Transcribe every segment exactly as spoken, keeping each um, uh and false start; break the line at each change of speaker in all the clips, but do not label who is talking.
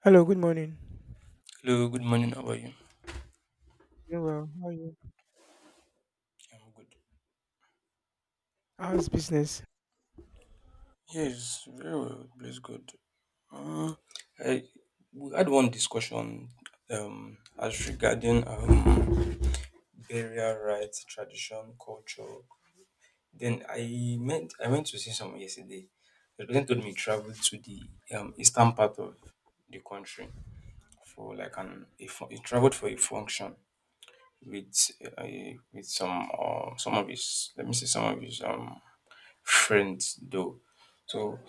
Hello, good morning.
Hello, good morning. How are you?
Doing well. How are you?
I'm good.
How's business?
Yes, very well. Please, good. Uh, I, we had one discussion um, as regarding um, burial rites, tradition, culture. Then I meant I went to see someone yesterday. The person told me he traveled to the um, eastern part of the country for like an a, fu- he traveled for a function with uh, with some uh, some of his, let me see, some of his um friends though. So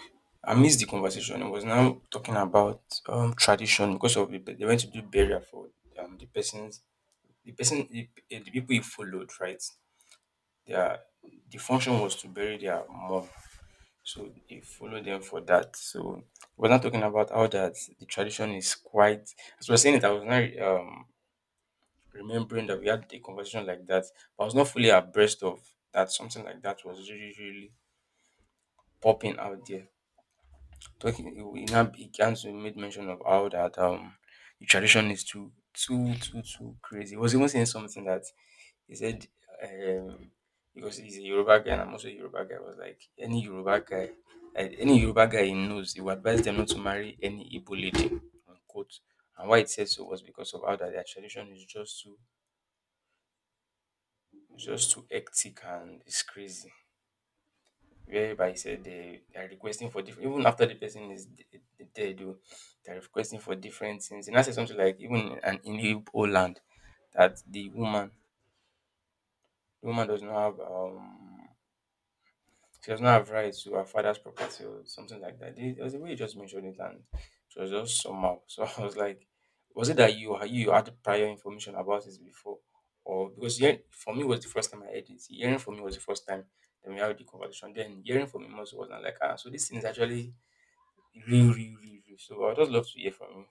I missed the conversation. It was now talking about um tradition because of the, they went to do burial for um the person's the person the, eh, the people he followed right. Their the function was to bury their mom, so he followed them for that. So we're not talking about how that the tradition is quite. As we are saying it, I was not um remembering that we had a conversation like that. But I was not fully abreast of that. Something like that was really, really popping out there. Talking, we now began to make mention of how that um the tradition is too, too, too, too crazy. He was even saying something that he said um because he's a Yoruba guy and I'm also a Yoruba guy. I was like any Yoruba guy, like, any Yoruba guy he knows, he would advise them not to marry any Igbo lady. Unquote. And why it said so was because of how that their tradition is just too just too hectic and it's crazy, whereby said they, they are requesting for different even after the person is d- d- dead oh, they are requesting for different things. And I said something like even an in Igbo land, that the woman, the woman does not have um she does not have rights to her father's property or something like that. They- there was a way you just mentioned it and it was just somehow so I was like, was it that you you had prior information about this before? Or because hearing, for me it was the first time I heard it, hearing for me was the first time. Then we had the conversation, then hearing from him also wasn't like, ah, so this thing is actually real, real, real, real. So I'd just love to hear from you.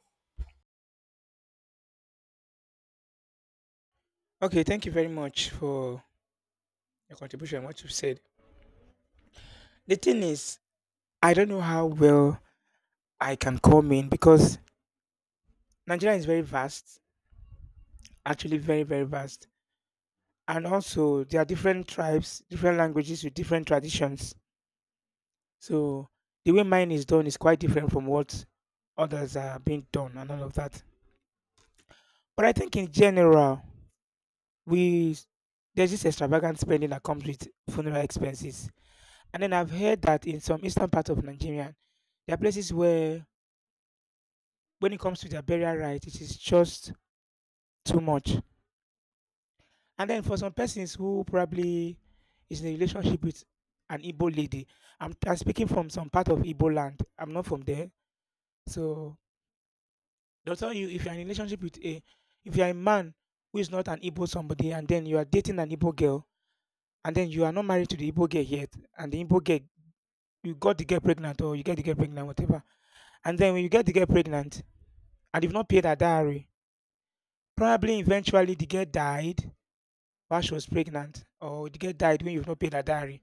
Okay, thank you very much for your contribution, and what you've said. The thing is, I don't know how well I can come in because Nigeria is very vast, actually very, very vast. And also there are different tribes, different languages with different traditions. So the way mine is done is quite different from what others are being done and all of that. But I think in general, we there's this extravagant spending that comes with funeral expenses. And then I've heard that in some eastern part of Nigeria, there are places where when it comes to their burial right, it is just too much. And then for some persons who probably is in a relationship with an Igbo lady, I'm, I'm speaking from some part of Igbo land. I'm not from there. So they'll tell you if you're in a relationship with a, if you're a man who is not an Igbo somebody and then you are dating an Igbo girl and then you are not married to the Igbo girl yet and the Igbo girl, you got to get pregnant or you get to get pregnant, whatever. And then when you get to get pregnant, and they've not paid her diary. Probably eventually the girl died while she was pregnant, or the girl died when you've not paid her diary.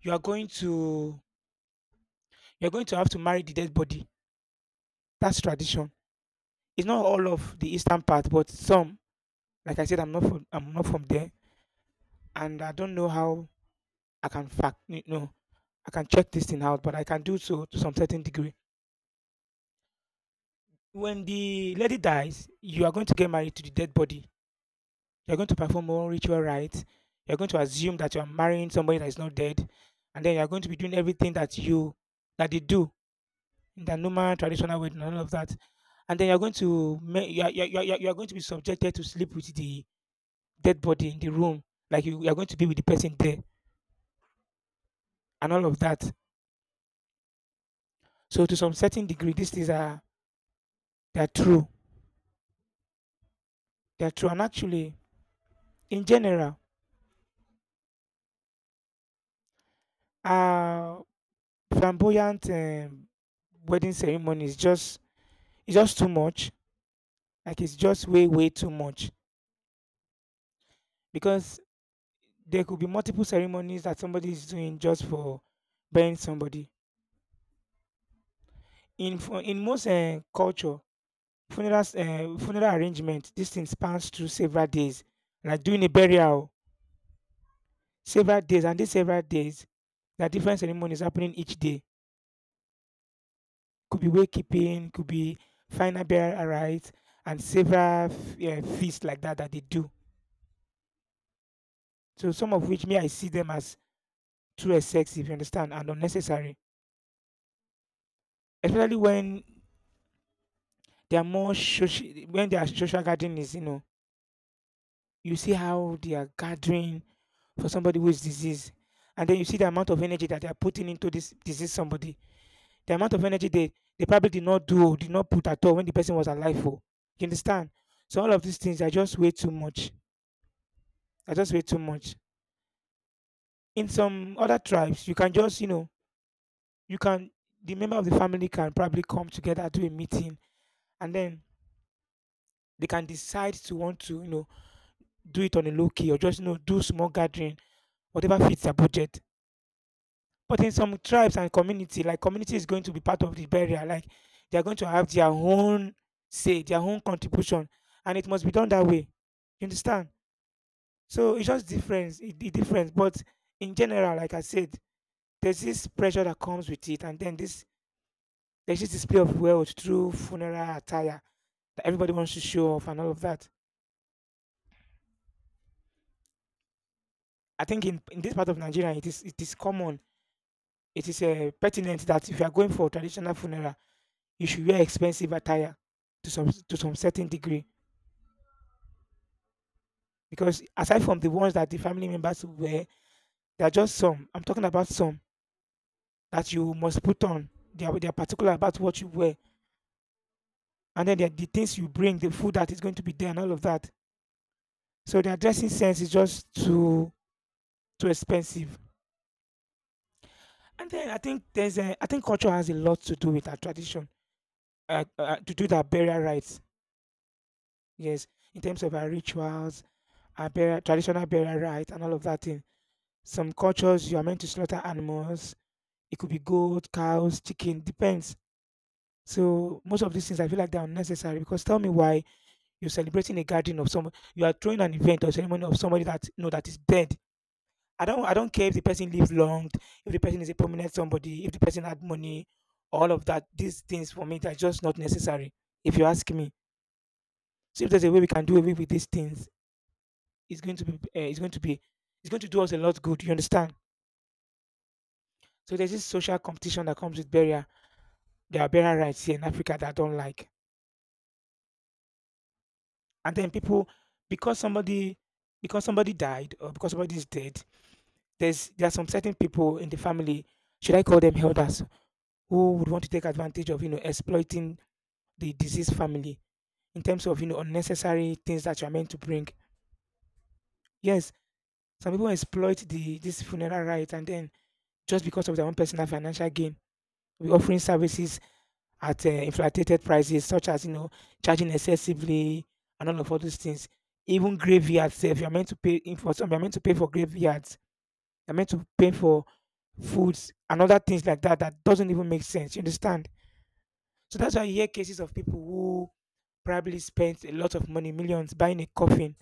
You are going to you're going to have to marry the dead body. That's tradition. It's not all of the eastern part, but some. Like I said, I'm not from I'm not from there, and I don't know how I can fact you know I can check this thing out, but I can do so to some certain degree. When the lady dies, you are going to get married to the dead body. You're going to perform more ritual rites. You're going to assume that you're marrying somebody that is not dead. And then you're going to be doing everything that you that they do in the normal traditional wedding and all of that. And then you're going to you're, you're, you're, you're you're going to be subjected to sleep with the dead body in the room. Like you, you're going to be with the person there and all of that. So to some certain degree, these things are they are true. They are true. And actually, in general, uh flamboyant um, wedding ceremony is just it's just too much. Like it's just way, way too much because there could be multiple ceremonies that somebody is doing just for burying somebody. In fu- in most uh, culture, funeral uh, funeral arrangement, this thing spans through several days. Like doing a burial, several days, and these several days, there are different ceremonies happening each day. Could be wakekeeping, could be final burial rites, and several uh, feasts like that that they do. So some of which me I see them as too excessive, you understand, and unnecessary. Especially when they are more social, when their social gathering is, you know, you see how they are gathering for somebody who is diseased, and then you see the amount of energy that they are putting into this diseased somebody. The amount of energy they they probably did not do oh, did not put at all when the person was alive oh. You understand? So all of these things are just way too much. Are just way too much. In some other tribes, you can just, you know, you can the member of the family can probably come together to a meeting and then they can decide to want to, you know, do it on a low key or just you know do small gathering, whatever fits their budget. But in some tribes and community, like community is going to be part of the burial, like they are going to have their own say, their own contribution, and it must be done that way. You understand? So it's just difference, it, it difference. But in general, like I said, there's this pressure that comes with it, and then this there's this display of wealth through funeral attire that everybody wants to show off and all of that. I think in, in this part of Nigeria, it is it is common. It is uh, pertinent that if you are going for traditional funeral, you should wear expensive attire to some to some certain degree. Because aside from the ones that the family members wear, there are just some. I'm talking about some that you must put on. They are, they are particular about what you wear, and then there are the things you bring, the food that is going to be there, and all of that. So their dressing sense is just too too expensive. And then I think there's a, I think culture has a lot to do with our tradition, uh, uh, to do with our burial rites. Yes, in terms of our rituals, our burial, traditional burial rites, and all of that thing. Some cultures you are meant to slaughter animals. It could be goat, cows, chicken, depends. So most of these things I feel like they're unnecessary because tell me why you're celebrating a gathering of someone you are throwing an event or ceremony of somebody that you know that is dead. I don't I don't care if the person lives long, if the person is a prominent somebody, if the person had money, all of that. These things for me they're just not necessary, if you ask me. So if there's a way we can do away with these things is going to be uh, is going to be is going to do us a lot good. You understand? So there's this social competition that comes with burial. There are burial rights here in Africa that I don't like, and then people because somebody because somebody died or because somebody is dead. There's there are some certain people in the family. Should I call them elders who would want to take advantage of you know exploiting the deceased family in terms of you know unnecessary things that you are meant to bring? Yes, some people exploit the this funeral right and then just because of their own personal financial gain, we offering services at uh, inflated prices, such as you know charging excessively and all of all those things. Even graveyards, if you're meant to pay in for some, you're meant to pay for graveyards. You're meant to pay for foods and other things like that that doesn't even make sense. You understand? So that's why you hear cases of people who probably spent a lot of money, millions, buying a coffin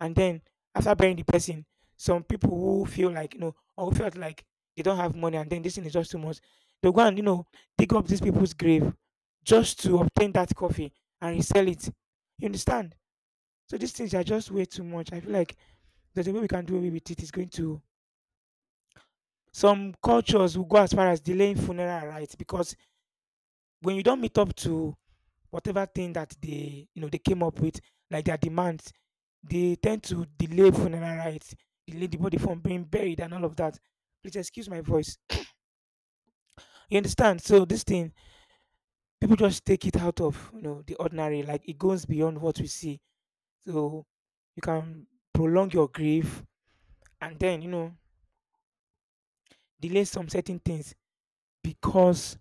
and then after burying the person, some people who feel like you know or who felt like they don't have money and then this thing is just too much, they'll go and you know dig up these people's grave just to obtain that coffee and resell it. You understand? So these things are just way too much. I feel like there's a way we can do away with it. It's going to some cultures will go as far as delaying funeral rites because when you don't meet up to whatever thing that they you know they came up with, like their demands, they tend to delay funeral rites, delay the body from being buried and all of that. Please excuse my voice. You understand? So this thing, people just take it out of you know the ordinary, like it goes beyond what we see. So you can prolong your grief and then you know delay some certain things because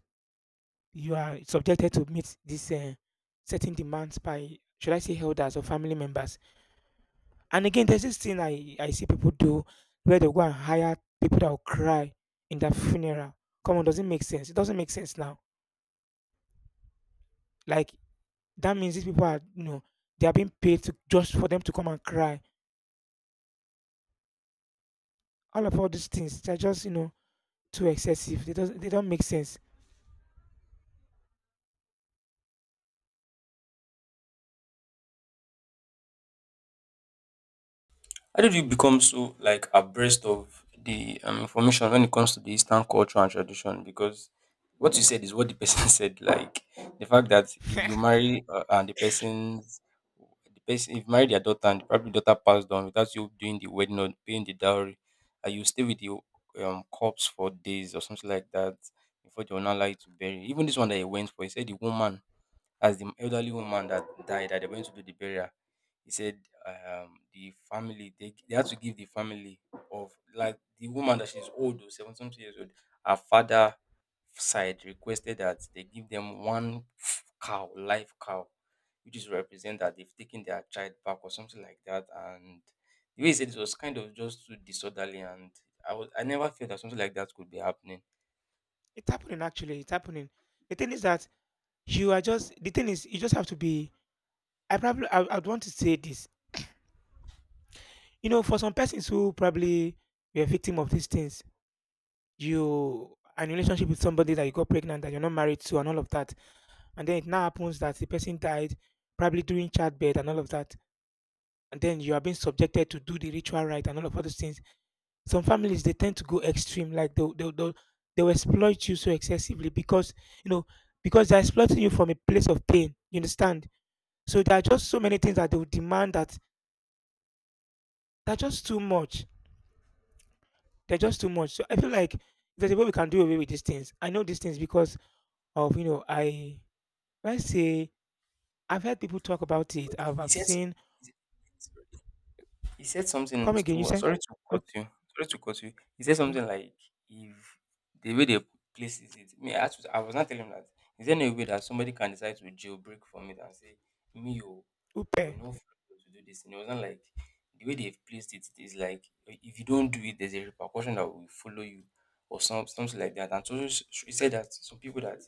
you are subjected to meet these uh, certain demands by should I say elders or family members. And again, there's this thing I, I see people do where they go and hire people that will cry in their funeral. Come on, does it make sense? It doesn't make sense now. Like that means these people are, you know, they are being paid to just for them to come and cry. All of all these things, they're just, you know, too excessive. They do not they don't make sense.
How did you become so like abreast of the um, information when it comes to the Eastern culture and tradition? Because what you said is what the person said. Like the fact that if you
It's
marry uh, and the person's the person if you marry their daughter, and probably daughter passed on without you doing the wedding or paying the dowry, and you stay with the um corpse for days or something like that, before they will not allow you to bury. Even this one that he went for, he said the woman, as the elderly woman that died that they went to do the burial, he said um the family, they, they had to give the family of, like, the woman that she's old though, seventy something years old. Her father side requested that they give them one cow live cow, which is represent that they've taken their child back or something like that. And the way he said it was kind of just too disorderly, and i was i never felt that something like that could be happening.
happening actually. It's happening. The thing is that you are just the thing is you just have to be I probably I, I'd want to say this. You know, for some persons who probably were a victim of these things, you are a relationship with somebody that you got pregnant that you're not married to and all of that, and then it now happens that the person died probably during childbirth and all of that, and then you are being subjected to do the ritual right and all of all those things. Some families, they tend to go extreme, like they they they they'll exploit you so excessively, because you know because they're exploiting you from a place of pain, you understand. So there are just so many things that they'll demand that they're just too much. They're just too much. So I feel like there's a way we can do away with these things. I know these things because of you know I Let's say, I've heard people talk about it.
But
I've
he
I've
says
seen.
he said something
Come again, you
to,
said?
sorry to cut
Okay,
you. Sorry to cut you. He said
okay.
something like, if the way they place it, me, I, was- I was not telling him that. Is there any way that somebody can decide to jailbreak from it and say, me, oh, I
Upe.
will not follow to do this? And it wasn't like the way they've placed it. It is like, if you don't do it, there's a repercussion that will follow you, or some, something like that. And so so, so, he said that some people, that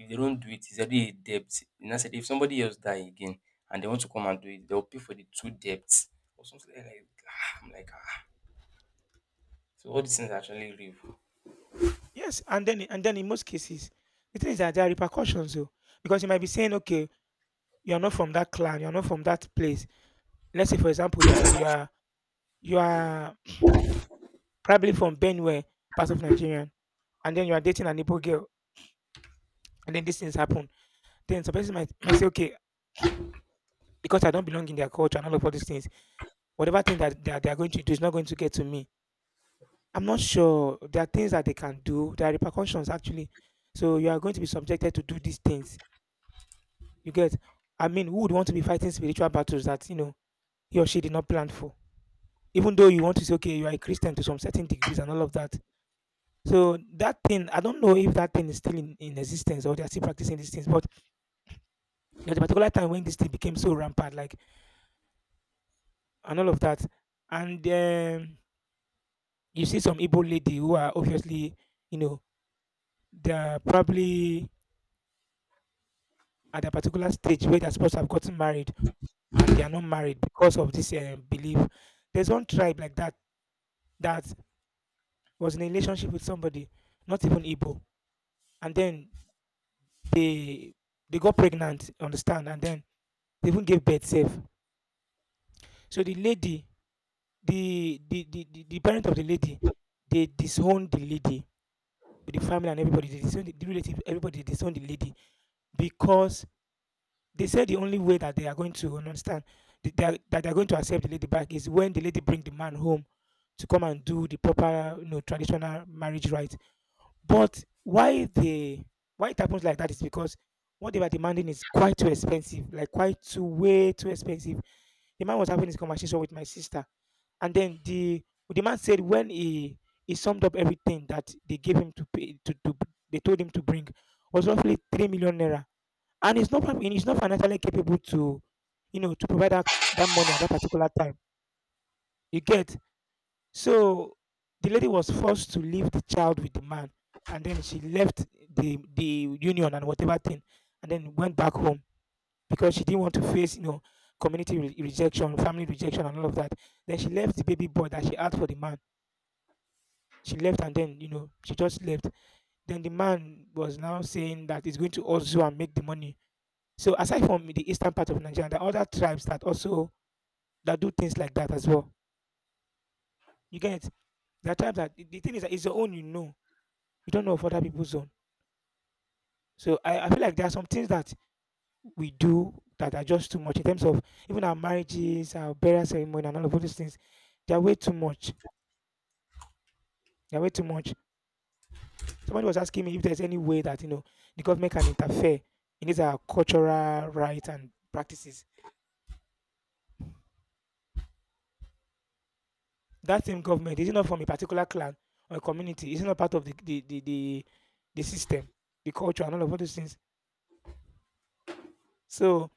if they don't do it, it's already a debt. And I said, if somebody else die again and they want to come and do it, they'll pay for the two debts or something. Like, ah, I'm like, ah. So all these things are actually real.
Yes, and then and then in most cases, the thing is that there are repercussions, though, because you might be saying, okay, you are not from that clan, you are not from that place. Let's say, for example, you are you are you are probably from Benue, part of Nigerian, and then you are dating an Igbo girl, and then these things happen. Then some person might, might say, okay, because I don't belong in their culture and all of all these things, whatever thing that they are, they are going to do is not going to get to me. I'm not sure. There are things that they can do. There are repercussions actually. So you are going to be subjected to do these things. You get? I mean, who would want to be fighting spiritual battles that you know he or she did not plan for? Even though you want to say, okay, you are a Christian to some certain degrees and all of that. So that thing, I don't know if that thing is still in, in existence or they are still practicing these things. But there's a particular time when this thing became so rampant, like, and all of that, and um, you see some Igbo lady who are obviously, you know, they're probably at a particular stage where they're supposed to have gotten married, and they are not married because of this uh, belief. There's one tribe like that that was in a relationship with somebody, not even Igbo, and then they they got pregnant, understand, and then they even gave birth safe. So the lady, the the, the the the parent of the lady, they disowned the lady, the family and everybody, they disowned the, the relative, everybody disowned the lady, because they said the only way that they are going to understand that they are, that they are going to accept the lady back is when the lady bring the man home to come and do the proper, you know, traditional marriage rite. But why they why it happens like that is because what they were demanding is quite too expensive, like quite too way too expensive. The man was having this conversation with my sister, and then the the man said when he he summed up everything that they gave him to pay to, to They told him to bring was roughly three million naira, and it's not prob- it's not financially capable to, you know, to provide that, that money at that particular time. You get? So the lady was forced to leave the child with the man, and then she left the the union and whatever thing, and then went back home, because she didn't want to face, you know, community re- rejection, family rejection and all of that. Then she left the baby boy that she had for the man. She left, and then, you know, she just left. Then the man was now saying that he's going to also and make the money. So aside from the eastern part of Nigeria, there are other tribes that also that do things like that as well. You get? There are tribes that the the thing is that it's your own, you know. You don't know of other people's own. So I, I feel like there are some things that we do that are just too much, in terms of even our marriages, our burial ceremony and all of those things. They are way too much. They are way too much. Somebody was asking me if there's any way that, you know, the government can interfere in these our cultural rights and practices. That same government, is it not from a particular clan or a community? Is it not part of the the the the, the system, the culture and all of all those things? So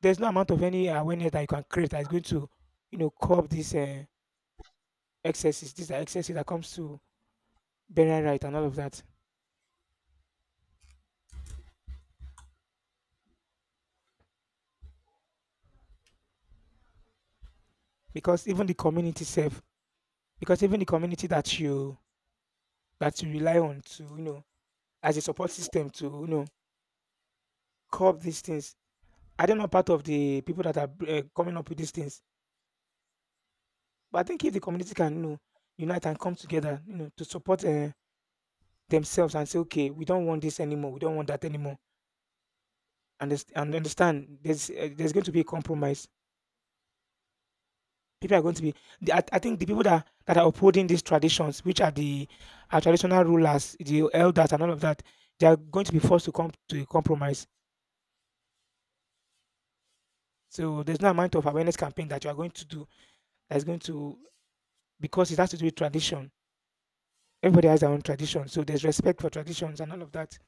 there's no amount of any awareness that you can create that is going to, you know, curb these uh, excesses. These are excesses that comes to burial right and all of that, because even the community self, because even the community that you that you rely on to, you know, as a support system to, you know, curb these things, are they not part of the people that are uh, coming up with these things? But I think if the community can, you know, unite and come together, you know, to support uh, themselves and say, okay, we don't want this anymore, we don't want that anymore, and this- and understand there's uh, there's going to be a compromise. People are going to be. the- I, I think the people that that are upholding these traditions, which are the our traditional rulers, the elders, and all of that, they are going to be forced to come to a compromise. So there's no amount of awareness campaign that you are going to do that's going to, because it has to do with tradition. Everybody has their own tradition, so there's respect for traditions and all of that.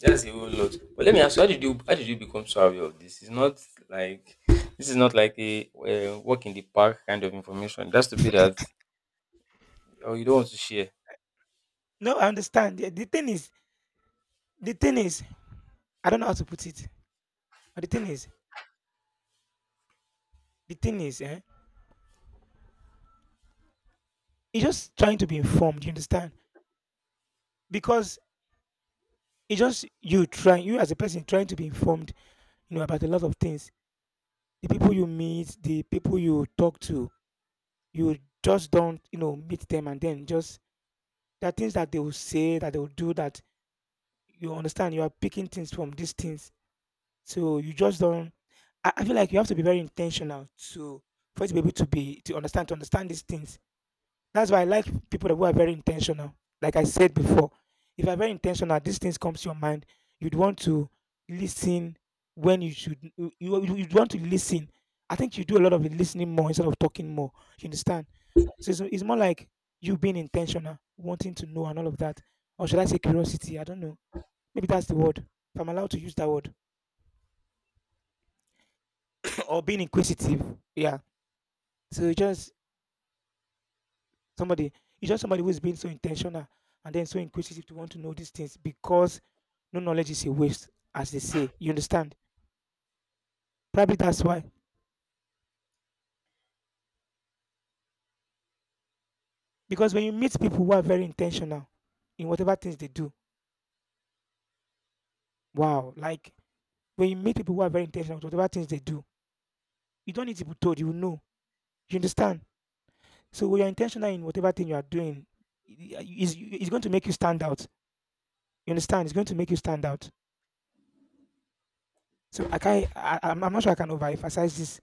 That's a whole lot. But let me ask you, how did you how did you become so aware of this? It's not like This is not like a uh, walk in the park kind of information. That's to be that, or you don't want to share.
No, I understand. The, the thing is, the thing is, I don't know how to put it. But the thing is, the thing is, eh, he's just trying to be informed. You understand? Because it's just you trying, you as a person trying to be informed, you know, about a lot of things. The people you meet, the people you talk to, you just don't, you know, meet them, and then just there are things that they will say, that they will do, that you understand. You are picking things from these things, so you just don't. I, I feel like you have to be very intentional to, for you to be able to be to understand to understand these things. That's why I like people that who are very intentional. Like I said before, if you're very intentional, these things comes to your mind. You'd want to listen when you should. You you- you'd want to listen. I think you do a lot of listening more instead of talking more. You understand? So it's, it's more like you being intentional, wanting to know and all of that. Or should I say curiosity? I don't know. Maybe that's the word. If I'm allowed to use that word. Or being inquisitive. Yeah. So just Somebody, it's just somebody who is being so intentional and then so inquisitive to want to know these things, because no knowledge is a waste, as they say. You understand? Probably that's why. Because when you meet people who are very intentional in whatever things they do, wow, like when you meet people who are very intentional with whatever things they do, you don't need to be told, you know. You understand? So when you're intentional in whatever thing you are doing, I- I- is it's going to make you stand out. You understand? It's going to make you stand out. So I can I, I'm I'm not sure I can overemphasize this.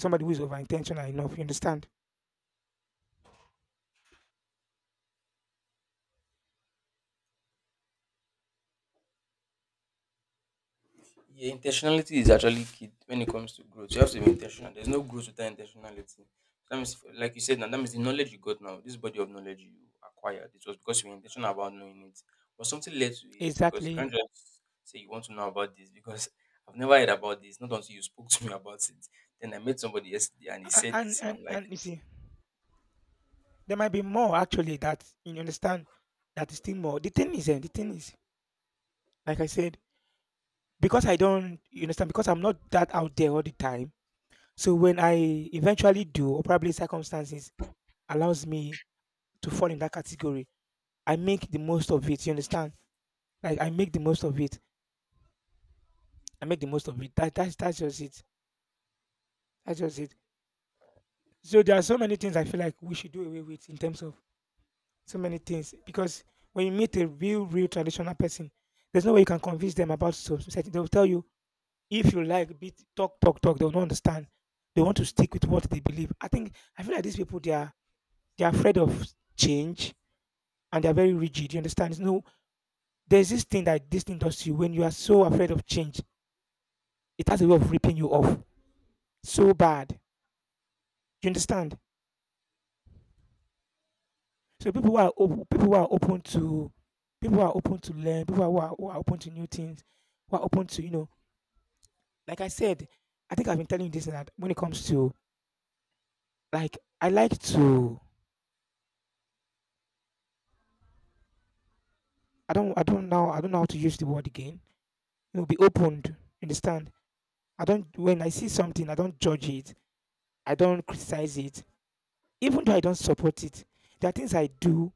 Somebody who is over intentional enough, you understand?
Yeah, intentionality is actually key when it comes to growth. You have to be intentional. There's no growth without intentionality. That means, like you said, now, that means the knowledge you got now, this body of knowledge you acquired, it was because you were intentional about knowing it. But something led to it, because you can't
Exactly.
just say you want to know about this because I've never heard about this. Not until you spoke to me about it. Then I met somebody yesterday and he
A-
said the
And
same.
and
I'm like,
and you see, there might be more actually, that you understand, that is still more. The thing is, eh, the thing is, like I said, because I don't, you understand, because I'm not that out there all the time. So when I eventually do, or probably circumstances allows me to fall in that category, I make the most of it. You understand? Like I make the most of it. I make the most of it. That that's that's just it. That's just it. So there are so many things I feel like we should do away with, in terms of so many things, because when you meet a real, real traditional person, there's no way you can convince them about so- society. They'll tell you if you like, be talk, talk, talk. They'll not understand. They want to stick with what they believe. I think I feel like these people, they are they are afraid of change, and they are very rigid. You understand? It's no, there's this thing that this thing does to you when you are so afraid of change. It has a way of ripping you off so bad. You understand? So people who are open, people who are open to, people who are open to learn, people who are, who are who are open to new things, who are open to, you know, Like I said, I think I've been telling you this and that when it comes to, like I like to, I don't I don't know I don't know how to use the word again. You know, be opened. You understand? I don't When I see something, I don't judge it. I don't criticize it. Even though I don't support it, there are things I do.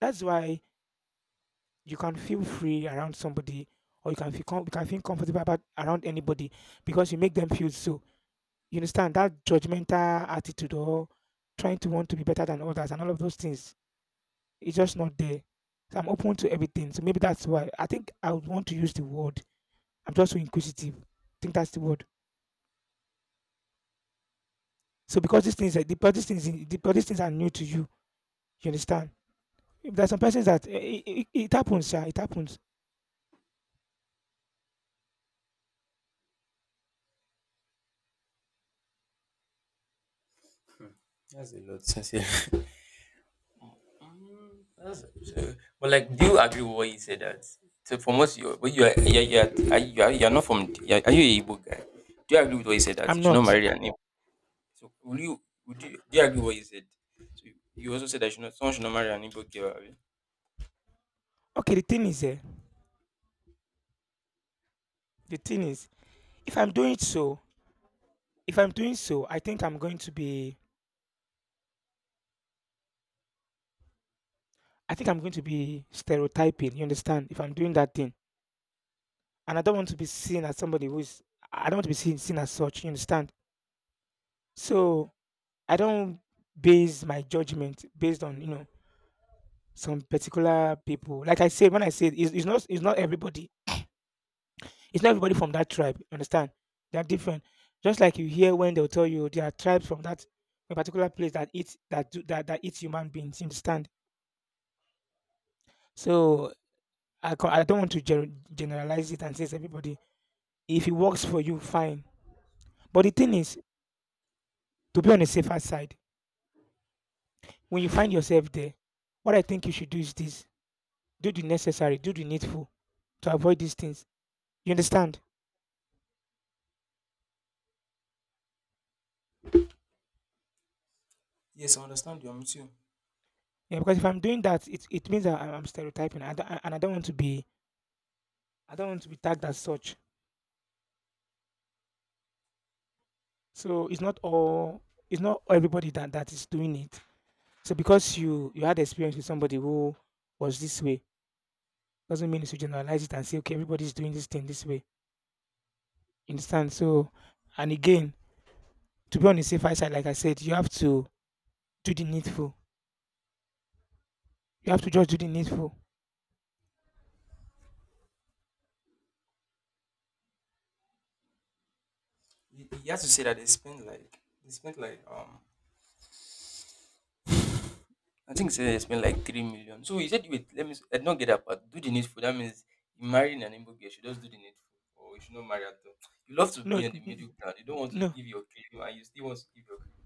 That's why you can feel free around somebody or you can feel com- you can feel comfortable about around anybody because you make them feel so. You understand that judgmental attitude or trying to want to be better than others and all of those things, it's just not there. So I'm open to everything. So maybe that's why I think I would want to use the word. I'm just so inquisitive. I think that's the word. So because these things, are- the- because these things, eh, the- because these things are new to you, you understand. If there's some persons that eh, it, it, it happens, yeah, it happens.
that's a lot. Mm, that's- so- but like, do you agree with what he said that? So for most, you but you are you are, you are, are, you are, you are not from. Are, are you a Igbo guy? Do you agree with what he said that
I'm
you should not
not.
marry an Igbo? So will you would you do you agree with what he said? So you also said that you should not, someone should not marry an Igbo girl. Abi?
Okay, the thing is, eh, the thing is, if I'm doing so, if I'm doing so, I think I'm going to be, I think I'm going to be stereotyping. You understand? If I'm doing that thing, and I don't want to be seen as somebody who is, I don't want to be seen seen as such. You understand? So I don't base my judgment based on, you know, some particular people. Like I said, when I said it's, it's not it's not everybody. It's not everybody from that tribe. You understand? They're different. Just like you hear when they'll tell you there are tribes from that a particular place that eat that do that, that eat human beings. You understand? So I co- I don't want to gen- generalize it and say it's everybody. If it works for you, fine. But the thing is, to be on the safer side, when you find yourself there, what I think you should do is this: do the necessary, do the needful to avoid these things. You understand?
Yes, I'm with you.
Yeah, because if I'm doing that, it, it means I'm I'm stereotyping, I don't- and I don't want to be, I don't want to be tagged as such. So it's not all it's not everybody that that is doing it. So because you you had experience with somebody who was this way, doesn't mean you should generalize it and say okay everybody's doing this thing this way. You understand? So and again, to be on the safer side, like I said, you have to do the needful. You have to just do the needful.
He, he has to say that they spend like they spent like um I think, say, they spent like three million. So he said, wait, let me s- I did not get that part. Do the needful. That means you marrying an Igbo girl, she just do the needful. Or you should not marry at all. You love to
No,
be on the
n-
middle ground. You don't want to
no,
give your claim and you still want to give your claim.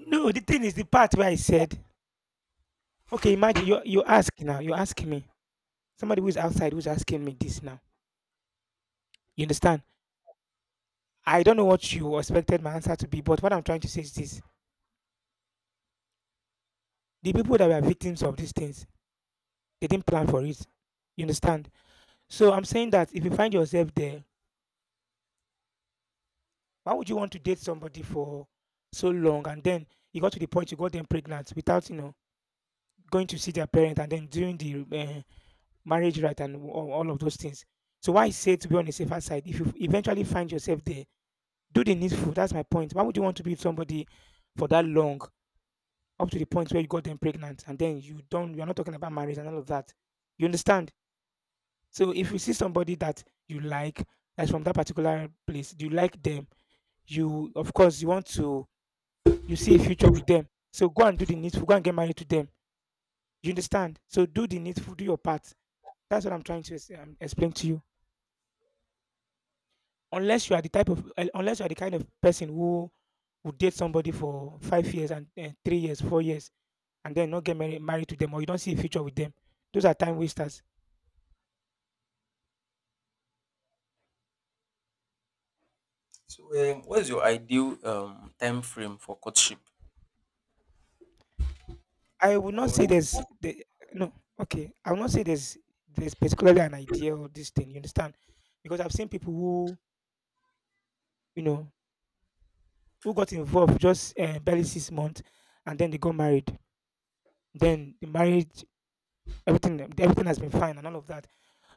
No.
no, the thing is the part where I said, okay, imagine you you ask now, you ask me. Somebody who's outside who's asking me this now. You understand? I don't know what you expected my answer to be, but what I'm trying to say is this. The people that were victims of these things, they didn't plan for it. You understand? So I'm saying that if you find yourself there, why would you want to date somebody for so long and then you got to the point you got them pregnant without, you know, going to see their parents and then doing the eh, marriage right, and a- all of those things. So why I say to be on the safer side, if you eventually find yourself there, do the needful. That's my point. Why would you want to be with somebody for that long, up to the point where you got them pregnant, and then you don't? You're not talking about marriage and all of that. You understand? So if you see somebody that you like, that's from that particular place, you like them. You of course you want to, you see a future with them. So go and do the needful. Go and get married to them. You understand? So do the needful. Do your part. That's what I'm trying to ex- um, explain to you. Unless you are the type of un unless you are the kind of person who would date somebody for five years and and three years, four years, and then not get married married to them or you don't see a future with them. Those are time wasters.
So um, what is your ideal um time frame for courtship?
I would not
Or
say there's the no, okay. I would not say there's there's particularly an idea or this thing, you understand? Because I've seen people who, you know, who got involved just uh, barely six months and then they got married. Then the marriage, everything everything has been fine and all of that.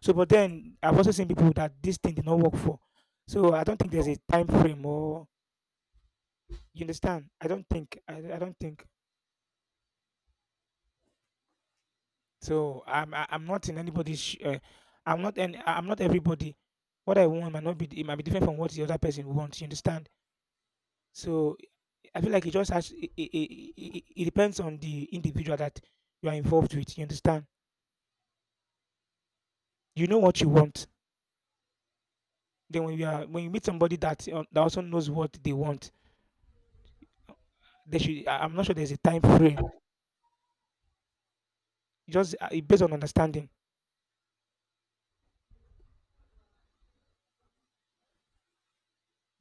So, but then I've also seen people that this thing did not work for. So I don't think there's a time frame or you understand. I don't think I, I don't think so. I'm I- I'm not in anybody's. sh- Uh, I'm not, and I'm not everybody. What I want might not be, it might be different from what the other person wants. You understand? So I feel like it just has it, it, it, it it depends on the individual that you are involved with. You understand? You know what you want. Then when you are when you meet somebody that uh, that also knows what they want. They should. I- I'm not sure there's a time frame. It just, uh, it based on understanding.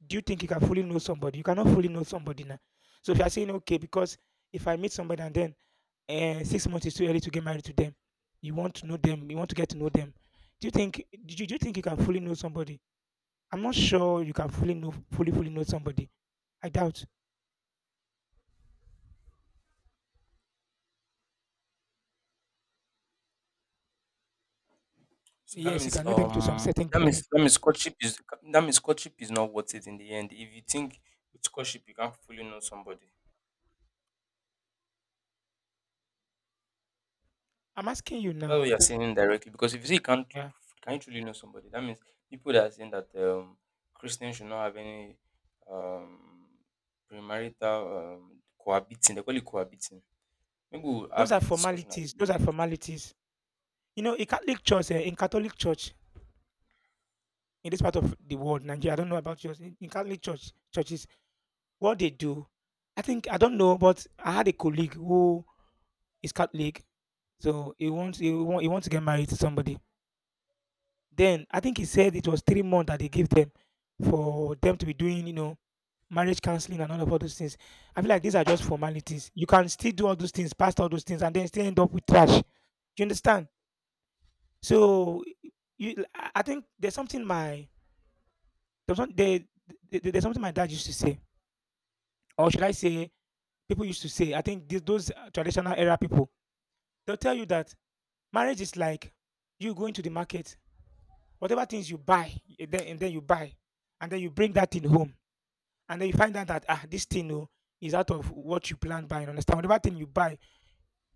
Do you think you can fully know somebody? You cannot fully know somebody now. So if you are saying okay, because if I meet somebody and then uh, six months is too early to get married to them, you want to know them. You want to get to know them. Do you think? Do you, do you think you can fully know somebody? I'm not sure you can fully know fully fully know somebody. I doubt.
so, that
Yes, you
means
can know them to some
um
certain
that means
degree.
that means courtship is, that means courtship is not worth it in the end. If you think with courtship you can't fully know somebody.
I'm asking you
That's
now.
what you're saying indirectly. Because if you say you can't,
Yeah,
can you truly know somebody? That means people that are saying that um, Christians should not have any um, premarital um, cohabiting. They call it cohabiting. Maybe we'll
those
have
are
this discussion at the
formalities. Those are
next.
formalities. You know, in Catholic Church, eh, in Catholic Church, in this part of the world, Nigeria. I don't know about yours in, in Catholic church churches what they do. I think I don't know, but I had a colleague who is Catholic, so he wants he want, he wants to get married to somebody. Then I think he said it was three months that they gave them for them to be doing, you know, marriage counseling and all of all those things. I feel like these are just formalities. You can still do all those things, past all those things, and then still end up with trash. Do you understand? So you, I I think there's something my, there's, some, there, there- there's something my dad used to say, or should I say, people used to say, I think th- those uh, traditional era people, they'll tell you that marriage is like you going to the market, whatever things you buy, and then, and then you buy, and then you bring that thing home, and then you find out that ah, this thing oh, is out of what you planned buying. Understand? Whatever thing you buy,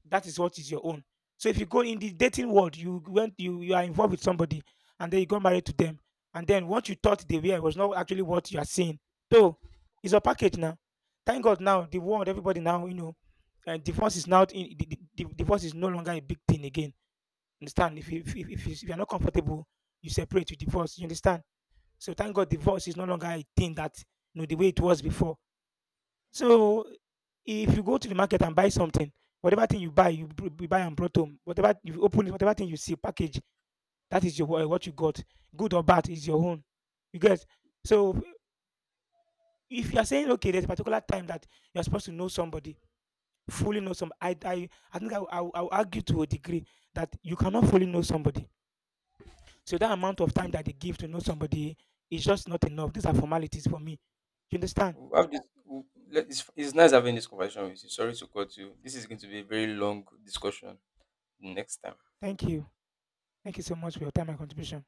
that is what is your own. So if you go in the dating world, you went you you are involved with somebody and then you got married to them, and then what you thought they were was not actually what you are seeing. So it's a package now. Thank God now the world, everybody now, you know, uh, divorce is now in, the, the, the divorce is no longer a big thing again. Understand? If you if, if, if you- if you are not comfortable, you separate, you divorce. You understand? So thank God divorce is no longer a thing that, you know, the way it was before. So if you go to the market and buy something, whatever thing you buy, you, br- you buy and brought home. Whatever you open, it, whatever thing you see package, that is your wha- what you got. Good or bad is your own. You get. So if you are saying okay, there's a particular time that you are supposed to know somebody, fully know some. I I, I think I will- I will I will argue to a degree that you cannot fully know somebody. So that amount of time that they give to know somebody is just not enough. These are formalities for me. You understand?
We'll have this. We'll, let- it's, it's nice having this conversation with you. Sorry to cut you. This is going to be a very long discussion next time.
Thank you. Thank you so much for your time and contribution.